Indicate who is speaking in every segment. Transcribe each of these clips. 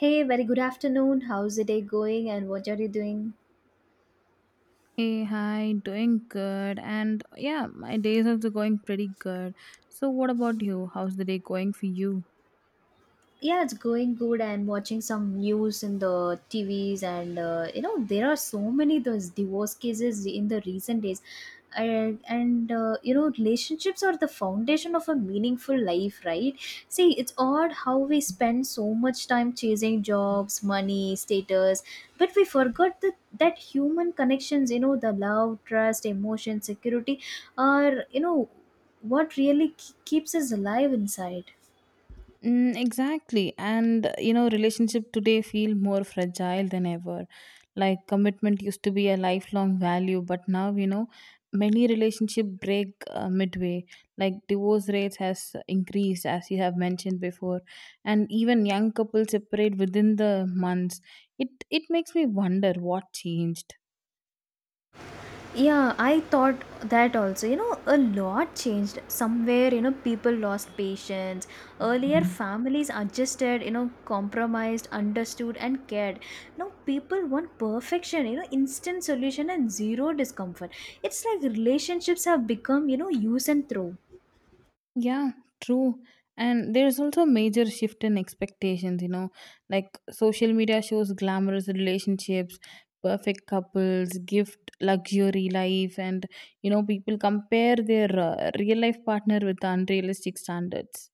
Speaker 1: Hey, very good afternoon. How's the day going and what are you doing?
Speaker 2: Hey, hi, doing good. And yeah, my days also going pretty good. So what about you? How's the day going for you?
Speaker 1: Yeah, it's going good and watching some news in the tvs and you know there are so many those divorce cases in the recent days and you know relationships are the foundation of a meaningful life, right? See, it's odd how we spend so much time chasing jobs, money, status, but we forgot that human connections, you know, the love, trust, emotion, security are, you know, what really keeps us alive inside.
Speaker 2: Mm, exactly. And you know, relationship today feel more fragile than ever. Like commitment used to be a lifelong value, but now, you know, many relationship break midway. Like divorce rates has increased as you have mentioned before, and even young couples separate within the months. It makes me wonder what changed.
Speaker 1: Yeah, I thought that also. You know, a lot changed somewhere. You know, people lost patience. Earlier, families adjusted, you know, compromised, understood, and cared. Now, people want perfection, you know, instant solution and zero discomfort. It's like relationships have become, you know, use and throw.
Speaker 2: Yeah, true. And there's also a major shift in expectations, you know, like social media shows glamorous relationships, perfect couples, gift, luxury life, and, you know, people compare their real life partner with unrealistic standards.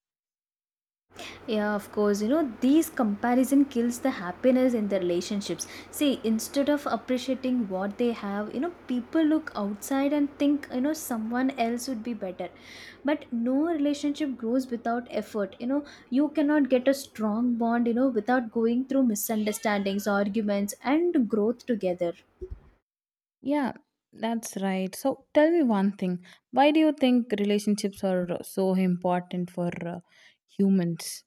Speaker 1: Yeah, of course, you know these comparison kills the happiness in the relationships. See, instead of appreciating what they have, you know, people look outside and think, you know, someone else would be better. But no relationship grows without effort, you know. You cannot get a strong bond, you know, without going through misunderstandings, arguments, and growth together.
Speaker 2: Yeah, that's right. So tell me one thing, why do you think relationships are so important for humans?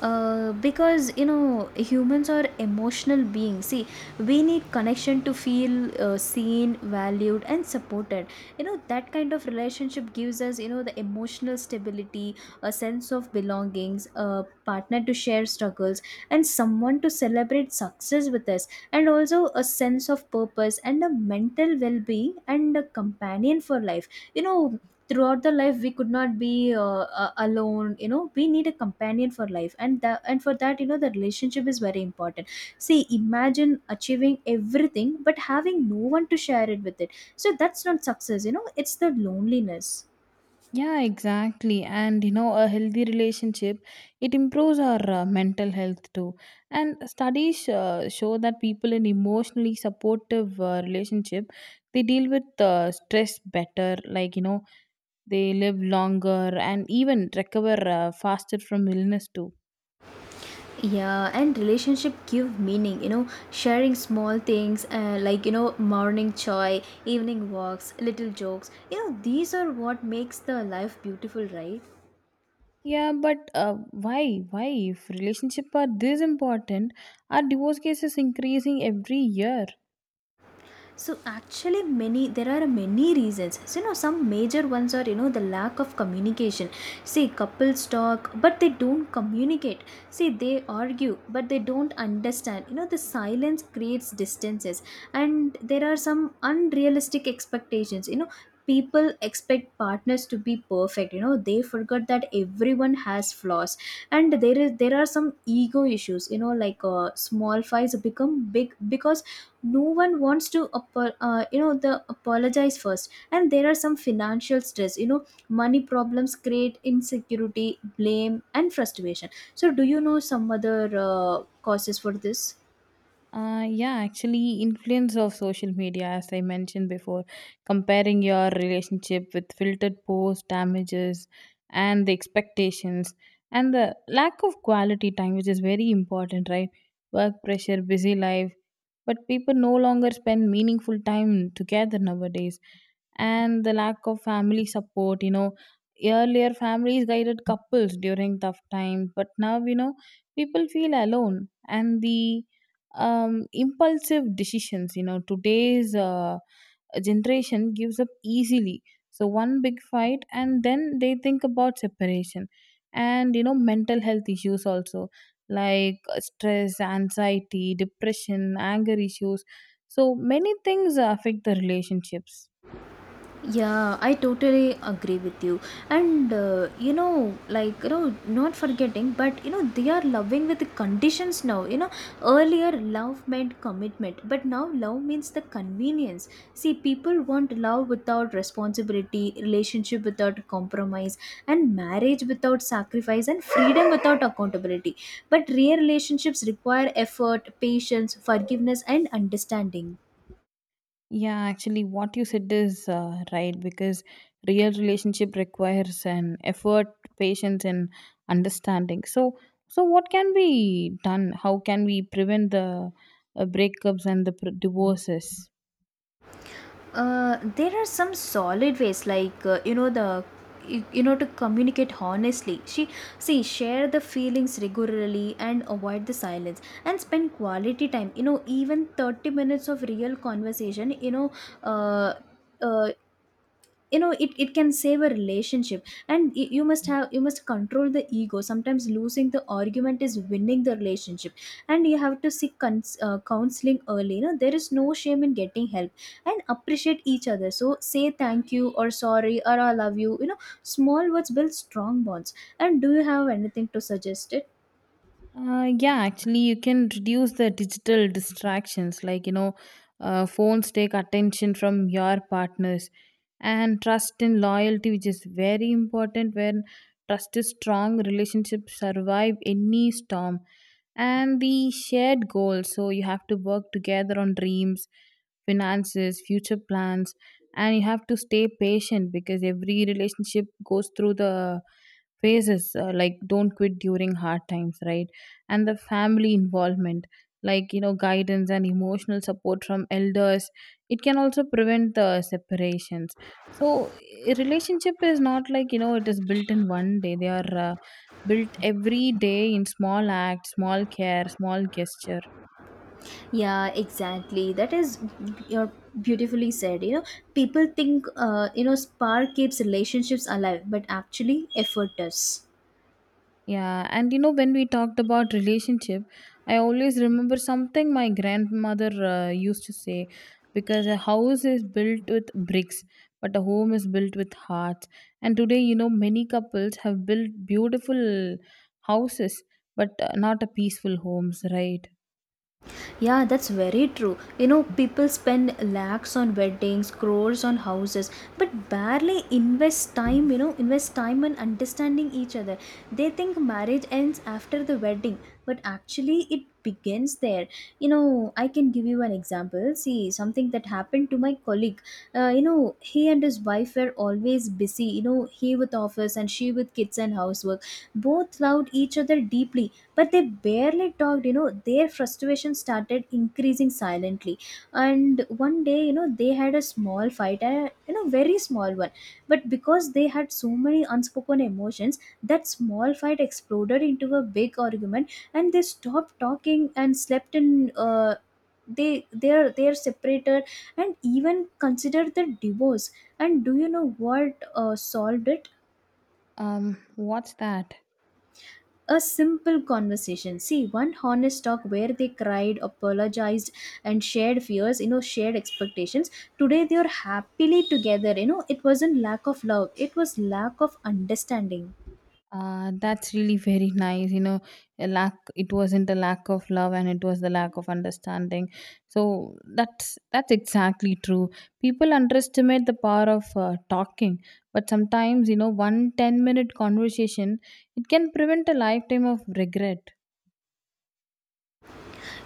Speaker 1: Because, you know, humans are emotional beings. See, we need connection to feel seen, valued, and supported. You know, that kind of relationship gives us, you know, the emotional stability, a sense of belongings, a partner to share struggles, and someone to celebrate success with us, and also a sense of purpose and a mental well-being and a companion for life. You know, throughout the life we could not be alone. You know, we need a companion for life, and that, and for that, you know, the relationship is very important. See, imagine achieving everything but having no one to share it with it. So that's not success, you know, it's the loneliness.
Speaker 2: Yeah, exactly. And you know, a healthy relationship, it improves our mental health too. And studies show that people in emotionally supportive relationship, they deal with stress better. Like, you know, they live longer and even recover faster from illness too.
Speaker 1: Yeah, and relationship give meaning. You know, sharing small things, like, you know, morning chai, evening walks, little jokes, you know, these are what makes the life beautiful, right?
Speaker 2: Yeah, but why? Why, if relationship are this important, are divorce cases increasing every year?
Speaker 1: So actually, many there are many reasons. So, you know, some major ones are, you know, the lack of communication. See, couples talk but they don't communicate. See, they argue but they don't understand. You know, the silence creates distances. And there are some unrealistic expectations, you know, people expect partners to be perfect. You know, they forgot that everyone has flaws. And there are some ego issues, you know, like small fights become big because no one wants to you know, the apologize first. And there are some financial stress, you know, money problems create insecurity, blame, and frustration. So do you know some other causes for this?
Speaker 2: Yeah, actually, influence of social media, as I mentioned before, comparing your relationship with filtered posts, damages, and the expectations, and the lack of quality time, which is very important, right? Work pressure, busy life, but people no longer spend meaningful time together nowadays, and the lack of family support. You know, earlier families guided couples during tough times, but now you know people feel alone, and the impulsive decisions. You know, today's generation gives up easily. So, one big fight, and then they think about separation and, you know, mental health issues also like stress, anxiety, depression, anger issues. So, many things affect the relationships.
Speaker 1: Yeah, I totally agree with you. And you know, not forgetting, but you know, they are loving with the conditions now. You know, earlier love meant commitment, but now love means the convenience. See, people want love without responsibility, relationship without compromise, and marriage without sacrifice, and freedom without accountability. But real relationships require effort, patience, forgiveness, and understanding.
Speaker 2: Yeah, actually, what you said is right because real relationship requires an effort, patience, and understanding. So, what can be done? How can we prevent the breakups and the divorces?
Speaker 1: There are some solid ways, like you know, you know, to communicate honestly. She See, share the feelings regularly and avoid the silence, and spend quality time. You know, even 30 minutes of real conversation, uh, uh, you know it can save a relationship. And you must have you must control the ego. Sometimes losing the argument is winning the relationship. And you have to seek counseling early. You know, there is no shame in getting help. And appreciate each other, so say thank you or sorry or I love you. You know, small words build strong bonds. And do you have anything to suggest it?
Speaker 2: Yeah, actually, you can reduce the digital distractions. Like, you know, phones take attention from your partners, and trust and loyalty, which is very important. When trust is strong, relationships survive any storm. And the shared goals. So, you have to work together on dreams, finances, future plans, and you have to stay patient because every relationship goes through the phases. Like, don't quit during hard times, right? And the family involvement, like you know, guidance and emotional support from elders, it can also prevent the separations. So a relationship is not, like you know, it is built in one day. They are built every day in small acts, small care, small gesture.
Speaker 1: Yeah, exactly. You're beautifully said, you know. People think, you know, spark keeps relationships alive, but actually effort does.
Speaker 2: Yeah, and you know, when we talked about relationship, I always remember something my grandmother used to say, because a house is built with bricks, but a home is built with hearts. And today, you know, many couples have built beautiful houses, but not a peaceful homes, right?
Speaker 1: Yeah, that's very true. You know, people spend lakhs on weddings, crores on houses, but barely invest time, you know, invest time in understanding each other. They think marriage ends after the wedding, but actually it begins there. You know, I can give you an example. See, something that happened to my colleague. You know, he and his wife were always busy, you know, he with office and she with kids and housework. Both loved each other deeply, but they barely talked. You know, their frustration started increasing silently. And one day, you know, they had a small fight, a, you know, very small one, but because they had so many unspoken emotions, that small fight exploded into a big argument, and they stopped talking and slept in they're separated and even considered the divorce. And do you know what solved it?
Speaker 2: What's that?
Speaker 1: A simple conversation. See, one honest talk where they cried, apologized, and shared fears, you know, shared expectations. Today they are happily together. You know, it wasn't lack of love, it was lack of understanding.
Speaker 2: That's really very nice. You know, a lack, it wasn't a lack of love and it was the lack of understanding. So that's exactly true. People underestimate the power of talking, but sometimes you know one 10 minute conversation, it can prevent a lifetime of regret.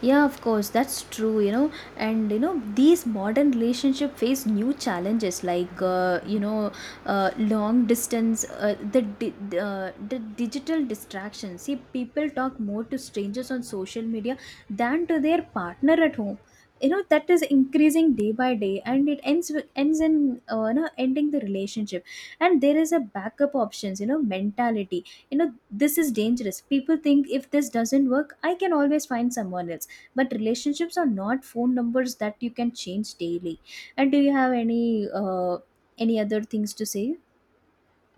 Speaker 1: Yeah, of course, that's true, you know. And you know, these modern relationship face new challenges, like you know, long distance, the digital distraction. See, people talk more to strangers on social media than to their partner at home. You know that is increasing day by day, and it ends with, ends in, you know, ending the relationship. And there is a backup options, you know, mentality. You know, this is dangerous. People think if this doesn't work, I can always find someone else, but relationships are not phone numbers that you can change daily. And do you have any other things to say?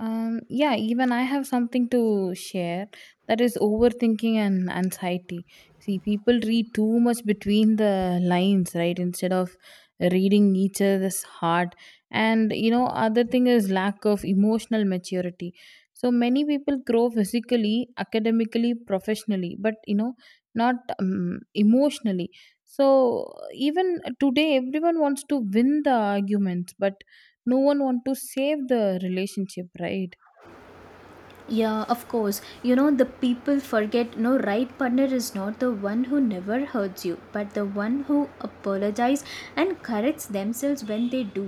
Speaker 2: Yeah, even I have something to share, that is overthinking and anxiety. See, people read too much between the lines, right? Instead of reading each other's heart. And you know, other thing is lack of emotional maturity. So many people grow physically, academically, professionally, but you know, not emotionally. So even today, everyone wants to win the arguments, but no one want to save the relationship, right?
Speaker 1: Yeah, of course, you know the people forget, no, right partner is not the one who never hurts you but the one who apologizes and corrects themselves when they do.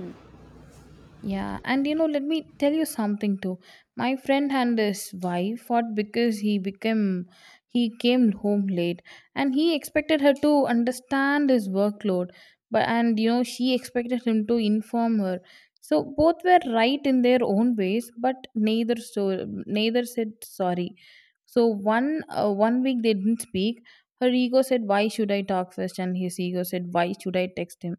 Speaker 2: Yeah, and you know, let me tell you something too. My friend and his wife fought because he came home late and he expected her to understand his workload, but, and you know, she expected him to inform her. So both were right in their own ways, but neither said sorry. So one 1 week they didn't speak. Her ego said, "Why should I talk first?" And his ego said, "Why should I text him?"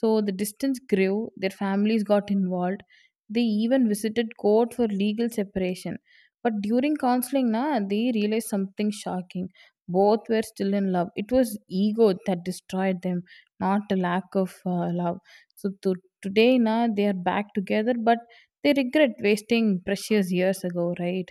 Speaker 2: So the distance grew, their families got involved. They even visited court for legal separation. But during counseling, na, they realized something shocking. Both were still in love. It was ego that destroyed them, not a lack of love. So to, today, na, they are back together, but they regret wasting precious years ago, right?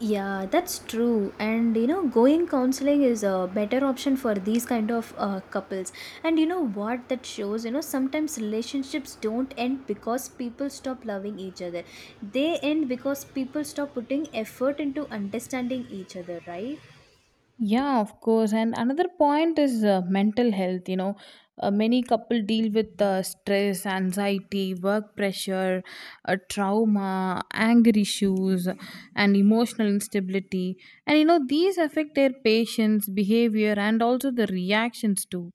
Speaker 1: Yeah, that's true. And you know, going counseling is a better option for these kind of couples. And you know what that shows, you know, sometimes relationships don't end because people stop loving each other. They end because people stop putting effort into understanding each other, right?
Speaker 2: Yeah, of course. And another point is mental health. You know, many couple deal with stress, anxiety, work pressure, trauma, anger issues, and emotional instability. And you know, these affect their patients' behavior and also the reactions too.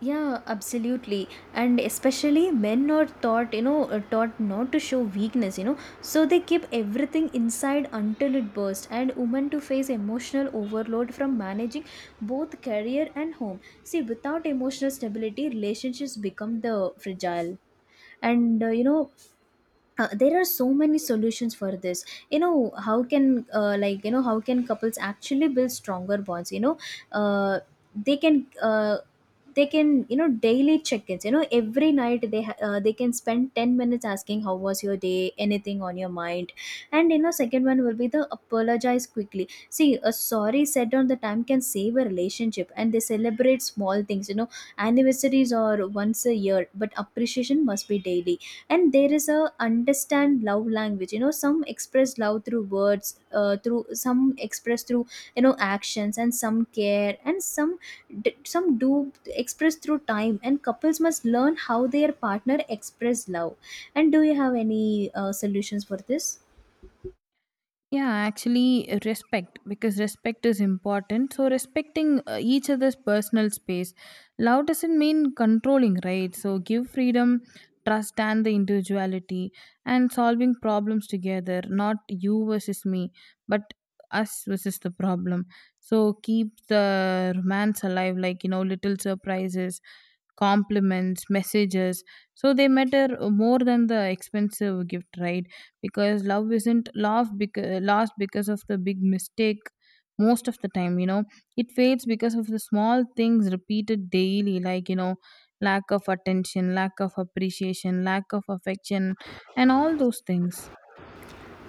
Speaker 1: Yeah, absolutely. And especially men are taught, you know, taught not to show weakness, you know. So they keep everything inside until it bursts, and women to face emotional overload from managing both career and home. See, without emotional stability, relationships become the fragile. And you know, there are so many solutions for this. You know, how can how can couples actually build stronger bonds? You know, uh, they can. Uh, they can, you know, daily check-ins. You know, every night they can spend 10 minutes asking, how was your day, anything on your mind? And you know, second one will be the apologize quickly. See, a sorry said on the time can save a relationship. And they celebrate small things, you know, anniversaries or once a year, but appreciation must be daily. And there is a understand love language. You know, some express love through words, through some express through, you know, actions, and some care, and some some do express through time. And couples must learn how their partner express love. And do you have any solutions for this?
Speaker 2: Yeah, actually, respect, because respect is important. So, respecting each other's personal space. Love doesn't mean controlling, right? So, give freedom, trust, and the individuality, and solving problems together, not you versus me, but us versus the problem. So, keep the romance alive, like, you know, little surprises, compliments, messages. So, they matter more than the expensive gift, right? Because love isn't love because lost because of the big mistake most of the time. You know, it fades because of the small things repeated daily, like, you know, lack of attention, lack of appreciation, lack of affection, and all those things.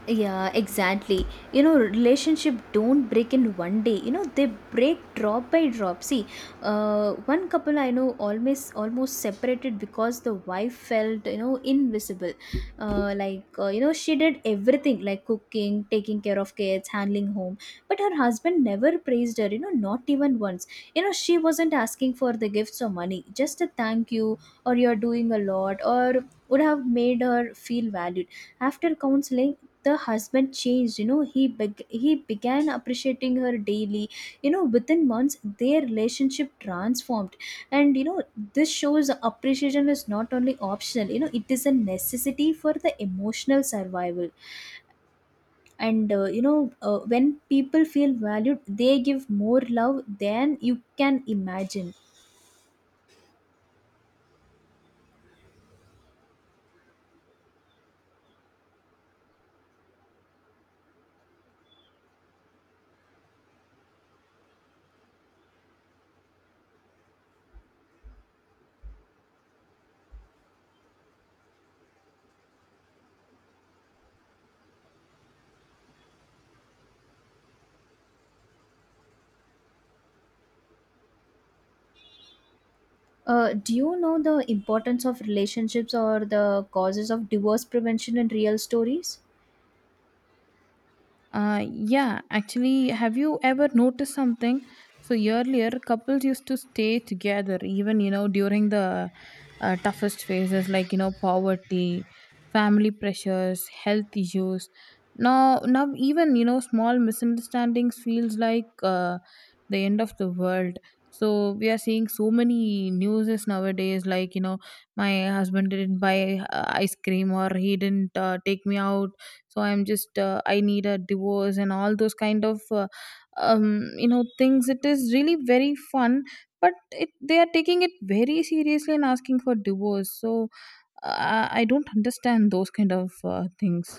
Speaker 1: Yeah, exactly. You know, relationship don't break in one day. You know, they break drop by drop. See, one couple I know almost separated because the wife felt, you know, invisible. You know, she did everything, like cooking, taking care of kids, handling home, but her husband never praised her. You know, not even once. You know, she wasn't asking for the gifts or money, just a thank you or you're doing a lot or would have made her feel valued. After counseling, the husband changed. You know, he began appreciating her daily. You know, within months, their relationship transformed. And you know, this shows appreciation is not only optional, you know, it is a necessity for the emotional survival. And you know, when people feel valued, they give more love than you can imagine. Do you know the importance of relationships or the causes of divorce prevention in real stories?
Speaker 2: Yeah, actually, have you ever noticed something? So earlier, couples used to stay together even, you know, during the toughest phases, like you know, poverty, family pressures, health issues. Now, even you know small misunderstandings feels like the end of the world. So we are seeing so many newses nowadays, like you know, my husband didn't buy ice cream or he didn't take me out, so I'm just I need a divorce, and all those kind of you know things. It is really very fun, but it, they are taking it very seriously and asking for divorce. So I don't understand those kind of things.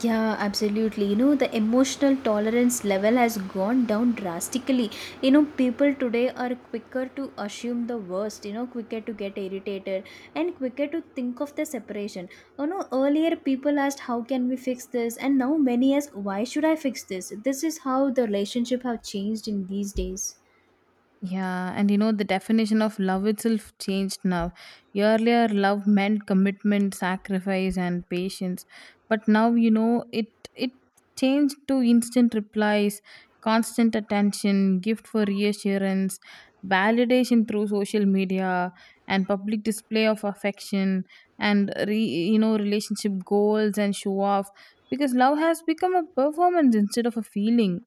Speaker 1: Yeah, absolutely. You know, the emotional tolerance level has gone down drastically. You know, people today are quicker to assume the worst, you know, quicker to get irritated and quicker to think of the separation. You know, earlier people asked, how can we fix this? And now many ask, why should I fix this? This is how the relationship have changed in these days.
Speaker 2: Yeah, and you know, the definition of love itself changed now. Earlier, love meant commitment, sacrifice, and patience. But now, you know, it changed to instant replies, constant attention, gift for reassurance, validation through social media, and public display of affection, and you know, relationship goals and show off. Because love has become a performance instead of a feeling.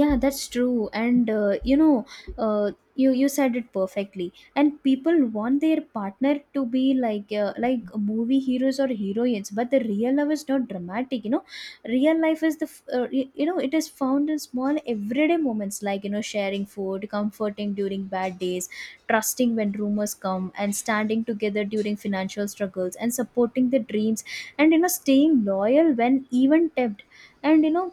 Speaker 1: Yeah, that's true. And uh, you know uh, you you said it perfectly. And people want their partner to be like movie heroes or heroines, but the real love is not dramatic. Real life is the f- y- you know it is found in small everyday moments, like sharing food, comforting during bad days, trusting when rumors come, and standing together during financial struggles, and supporting the dreams, and staying loyal when even tempted. And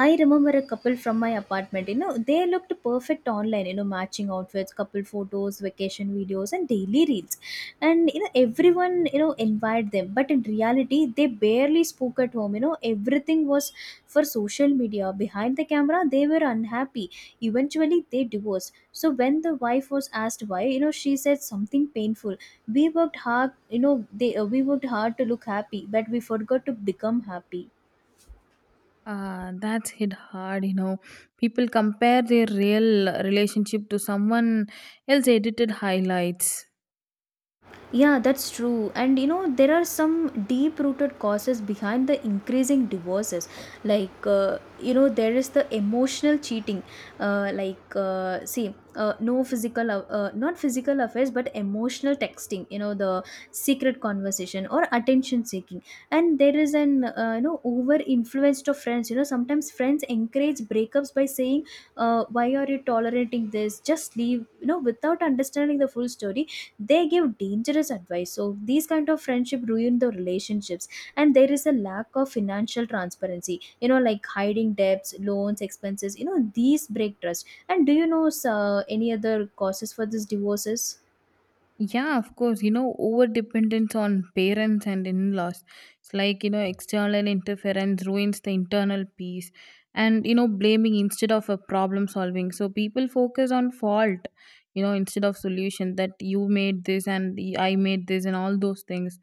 Speaker 1: I remember a couple from my apartment. You know, they looked perfect online. You know, matching outfits, couple photos, vacation videos, and daily reels. And you know, everyone invited them, but in reality, they barely spoke at home. You know, everything was for social media. Behind the camera, they were unhappy. Eventually, they divorced. So when the wife was asked why, you know, she said something painful. We worked hard. You know, they we worked hard to look happy, but we forgot to become happy.
Speaker 2: Ah, that's hit hard, you know. People compare their real relationship to someone else edited highlights.
Speaker 1: Yeah, that's true. And you know, there are some deep rooted causes behind the increasing divorces. You know, there is the emotional cheating. See, no not physical affairs, but emotional texting, you know, the secret conversation or attention seeking. And there is an, You know, over influenced of friends. You know, sometimes friends encourage breakups by saying, why are you tolerating this? Just leave, you know, without understanding the full story. They give dangerous advice, so these kind of friendship ruin the relationships. And there is a lack of financial transparency, you know, like hiding debts, loans, expenses. You know, these break trust. And do you know any other causes for these divorces?
Speaker 2: Yeah, of course. You know, over dependence on parents and in laws. It's like, you know, external interference ruins the internal peace, and, you know, blaming instead of a problem solving. So people focus on fault, you know, instead of solution, that you made this and I made this and all those things.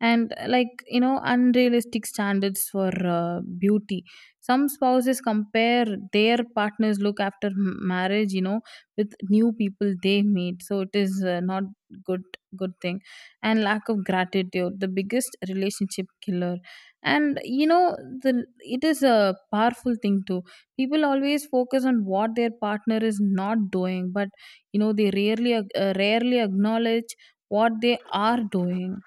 Speaker 2: And like, you know, unrealistic standards for beauty. Some spouses compare their partner's look after marriage, you know, with new people they meet, so it is not good good thing, and lack of gratitude, the biggest relationship killer. And you know, the it is a powerful thing too. People always focus on what their partner is not doing, but you know, they rarely acknowledge what they are doing.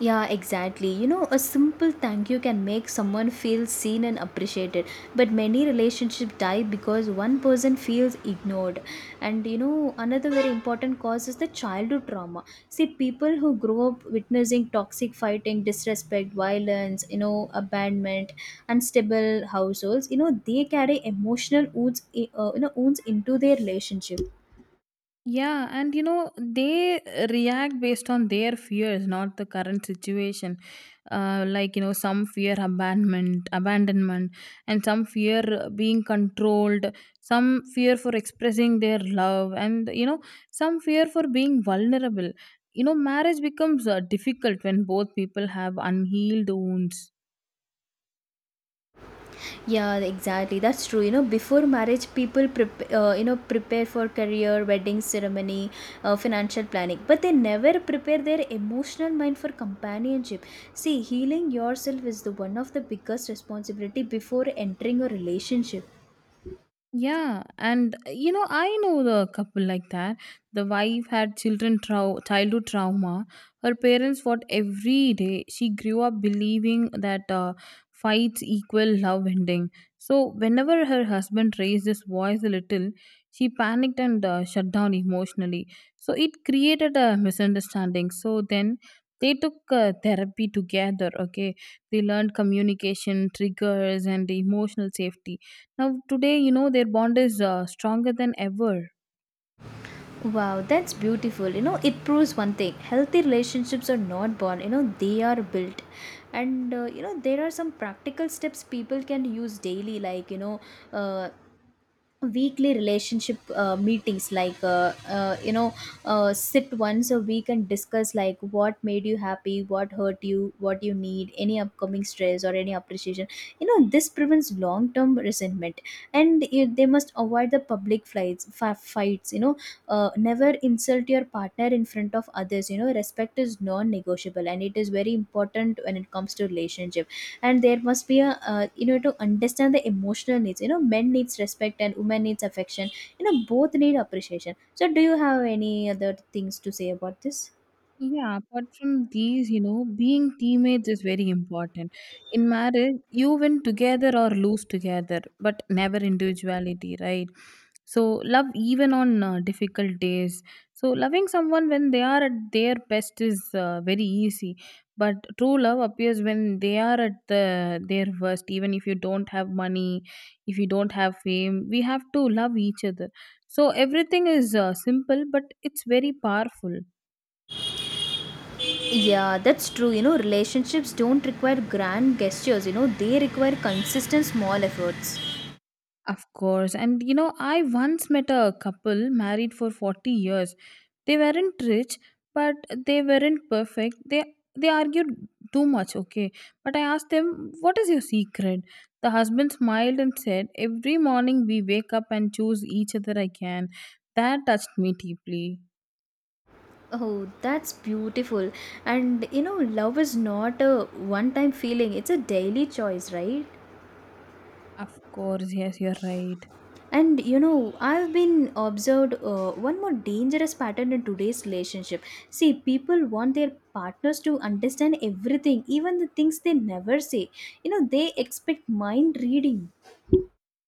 Speaker 1: Yeah, exactly. You know, a simple thank you can make someone feel seen and appreciated. But many relationships die because one person feels ignored. And you know, another very important cause is the childhood trauma. See, people who grow up witnessing toxic fighting, disrespect, violence, you know, abandonment, unstable households, you know, they carry emotional wounds, you know, wounds into their relationship.
Speaker 2: Yeah, and you know, they react based on their fears, not the current situation. Like, you know, some fear abandonment, and some fear being controlled, some fear for expressing their love, and you know, some fear for being vulnerable. You know, marriage becomes difficult when both people have unhealed wounds.
Speaker 1: Yeah, exactly. That's true. You know, before marriage, people you know, prepare for career, wedding ceremony, financial planning, but they never prepare their emotional mind for companionship. See, healing yourself is the one of the biggest responsibility before entering a relationship.
Speaker 2: Yeah, and you know, I know the couple like that. The wife had childhood trauma. Her parents fought every day. She grew up believing that fights equal love ending. So whenever her husband raised his voice a little, she panicked and shut down emotionally. So it created a misunderstanding. So then they took therapy together. Okay, they learned communication triggers and emotional safety. Now, today, you know, their bond is stronger than ever.
Speaker 1: Wow, that's beautiful. You know, it proves one thing: healthy relationships are not born. You know, they are built. And you know, there are some practical steps people can use daily, like you know. Uh, Weekly relationship meetings, like you know, sit once a week and discuss, like what made you happy, what hurt you, what you need, any upcoming stress, or any appreciation. You know, this prevents long term resentment. They must avoid the fights, you know. Never insult your partner in front of others. You know, respect is non negotiable, and it is very important when it comes to relationship. And there must be a you know, to understand the emotional needs. You know, men needs respect and women needs affection. You know, both need appreciation. So do you have any other things to say about this?
Speaker 2: Yeah, apart from these, you know, being teammates is very important. In marriage, you win together or lose together, but never individuality, right? So, love even on difficult days. So, loving someone when they are at their best is very easy, but true love appears when they are at their worst, even if you don't have money, if you don't have fame. We have to love each other. So, everything is simple, but it's very powerful.
Speaker 1: Yeah, that's true. You know, relationships don't require grand gestures. You know, they require consistent small efforts.
Speaker 2: Of course. And you know, I once met a couple married for 40 years. They weren't rich, but they weren't perfect. They argued too much, okay? But I asked them, "What is your secret?" The husband smiled and said, "Every morning we wake up and choose each other again." That touched me deeply.
Speaker 1: Oh, that's beautiful. And you know, love is not a one time feeling, it's a daily choice, right?
Speaker 2: Of course, yes, you're right.
Speaker 1: And you know, I've been observed one more dangerous pattern in today's relationship. See, people want their partners to understand everything, even the things they never say. You know, they expect mind reading.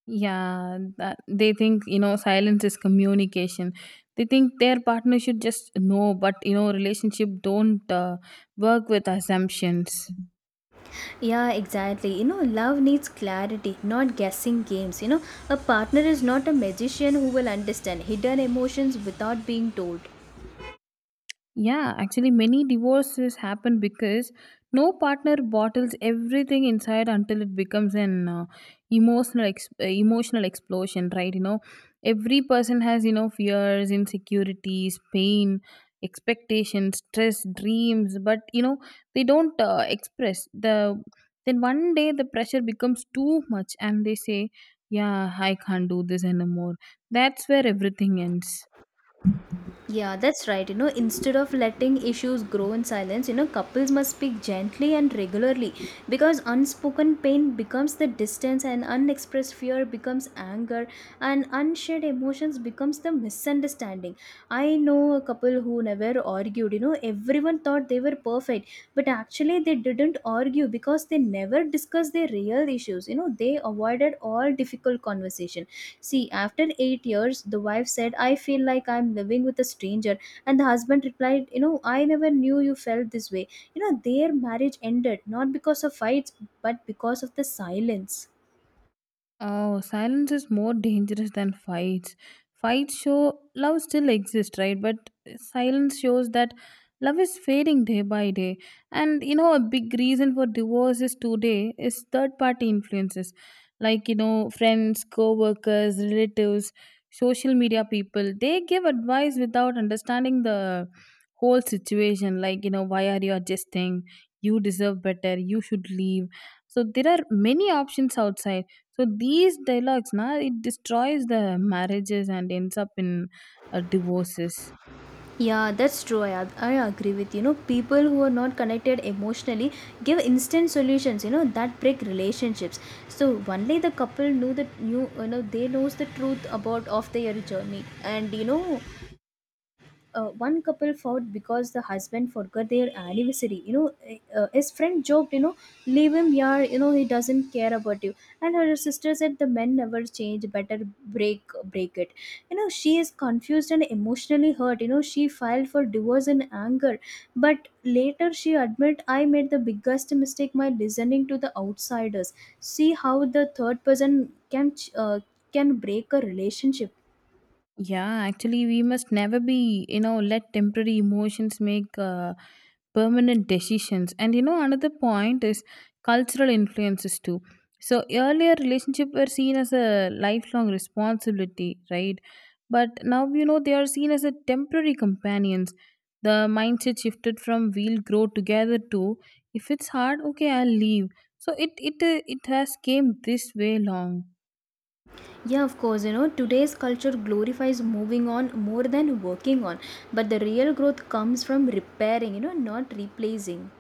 Speaker 2: Yeah, that they think, you know, silence is communication. They think their partner should just know, but you know, relationship don't work with assumptions.
Speaker 1: Yeah, exactly. You know, love needs clarity, not guessing games. You know, a partner is not a magician who will understand hidden emotions without being told.
Speaker 2: Yeah, actually, many divorces happen because no partner bottles everything inside until it becomes an emotional emotional explosion, right? You know, every person has you know fears, insecurities, pain, expectations, stress, dreams, but you know they don't express the. Then one day the pressure becomes too much, and they say, "Yeah, I can't do this anymore." That's where everything ends.
Speaker 1: Yeah, that's right. You know, instead of letting issues grow in silence, you know, couples must speak gently and regularly, because unspoken pain becomes the distance, and unexpressed fear becomes anger, and unshared emotions becomes the misunderstanding. I know a couple who never argued. You know, everyone thought they were perfect, but actually they didn't argue because they never discussed their real issues. You know, they avoided all difficult conversation. See, after 8 years, the wife said, "I feel like I'm living with a stranger." And the husband replied, "You know, I never knew you felt this way." You know, their marriage ended not because of fights, but because of the silence.
Speaker 2: Oh, silence is more dangerous than fights. Fights show love still exists, right? But silence shows that love is fading day by day. And you know, a big reason for divorces today is third party influences like, you know, friends, co workers, relatives, social media people. They give advice without understanding the whole situation, like, you know, why are you adjusting? You deserve better. You should leave. So there are many options outside, so these dialogues, na, it destroys the marriages and ends up in divorces.
Speaker 1: Yeah, that's true. I agree with you. You know, people who are not connected emotionally give instant solutions. You know, that break relationships. So only the couple knew, you know, they knows the truth about of their journey. And you know, one couple fought because the husband forgot their anniversary. You know, his friend joked, you know, leave him yaar, you know, he doesn't care about you. And her sister said the men never change, better break it. You know, she is confused and emotionally hurt. You know, she filed for divorce in anger. But later she admit, I made the biggest mistake by listening to the outsiders. See how the third person can ch- uh, can break a relationship.
Speaker 2: Yeah, actually, we must never be, you know, let temporary emotions make permanent decisions. And, you know, another point is cultural influences too. So, earlier relationships were seen as a lifelong responsibility, right? But now, you know, they are seen as a temporary companions. The mindset shifted from we'll grow together to if it's hard, okay, I'll leave. So, it has came this way long.
Speaker 1: Yeah, of course. You know, today's culture glorifies moving on more than working on. But the real growth comes from repairing, you know, not replacing.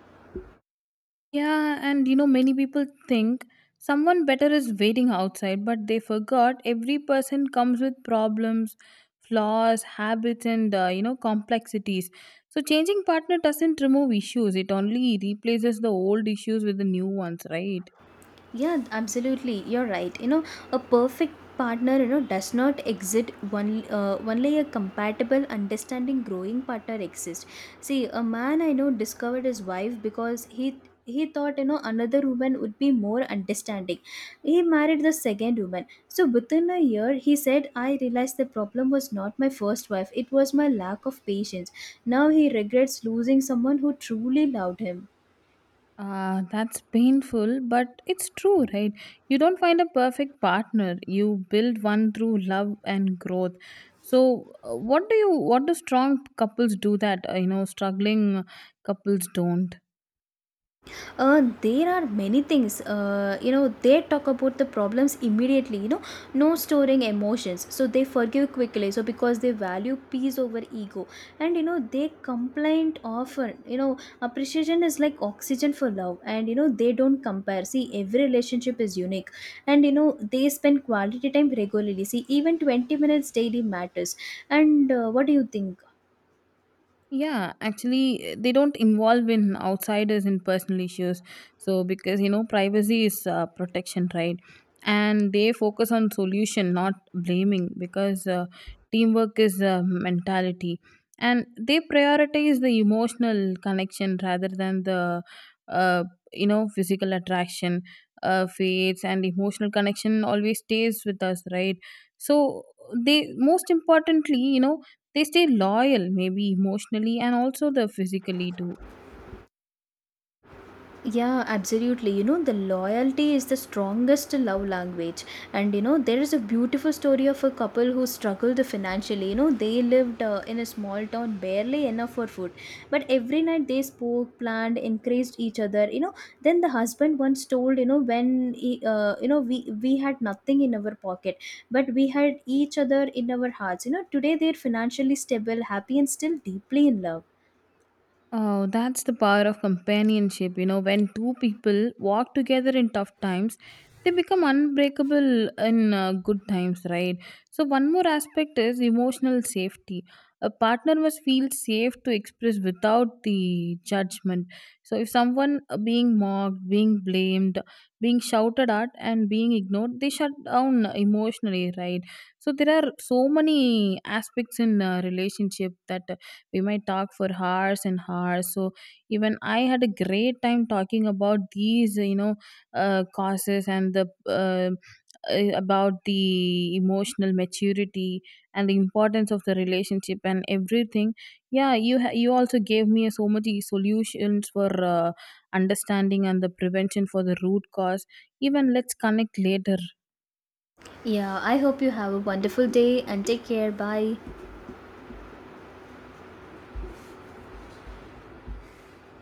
Speaker 2: Yeah, and you know, many people think someone better is waiting outside, but they forgot every person comes with problems, flaws, habits, and you know, complexities. So, changing partner doesn't remove issues, it only replaces the old issues with the new ones, right?
Speaker 1: Yeah, absolutely. You're right. You know, a perfect partner, you know, does not exist one, only a compatible, understanding, growing partner exists. See, a man I know discovered his wife because he thought, you know, another woman would be more understanding. He married the second woman. So within a year he said, I realized the problem was not my first wife, it was my lack of patience. Now he regrets losing someone who truly loved him.
Speaker 2: Ah, that's painful, but it's true, right? You don't find a perfect partner. You build one through love and growth. So, what do you? What do strong couples do that you know struggling couples don't?
Speaker 1: There are many things, you know, they talk about the problems immediately. You know, no storing emotions, so they forgive quickly, so because they value peace over ego. And you know, they complain often. You know, appreciation is like oxygen for love. And you know, they don't compare. See, every relationship is unique. And you know, they spend quality time regularly. See, even 20 minutes daily matters. And what do you think?
Speaker 2: Yeah, actually, they don't involve in outsiders in personal issues. So because you know, privacy is protection, right? And they focus on solution, not blaming, because teamwork is mentality, and they prioritize the emotional connection rather than the uh, you know physical attraction fades, and emotional connection always stays with us, right? So they most importantly, you know they stay loyal maybe emotionally and also the physically too.
Speaker 1: Yeah, absolutely. You know, the loyalty is the strongest love language. And, you know, there is a beautiful story of a couple who struggled financially. You know, they lived in a small town, barely enough for food. But every night they spoke, planned, encouraged each other. You know, then the husband once told, you know, when, he, you know, we had nothing in our pocket, but we had each other in our hearts. You know, today they're financially stable, happy, and still deeply in love.
Speaker 2: Oh, that's the power of companionship. You know, when two people walk together in tough times, they become unbreakable in good times, right? So, one more aspect is emotional safety. A partner must feel safe to express without the judgment. So, if someone being mocked, being blamed, being shouted at, and being ignored, they shut down emotionally, right? So, there are so many aspects in relationship that we might talk for hours and hours. So even I had a great time talking about these, you know, causes and the uh, about the emotional maturity and the importance of the relationship and everything. Yeah, you also gave me so much solutions for uh, understanding and the prevention for the root cause. Even let's connect later.
Speaker 1: Yeah, I hope you have a wonderful day and take care. Bye.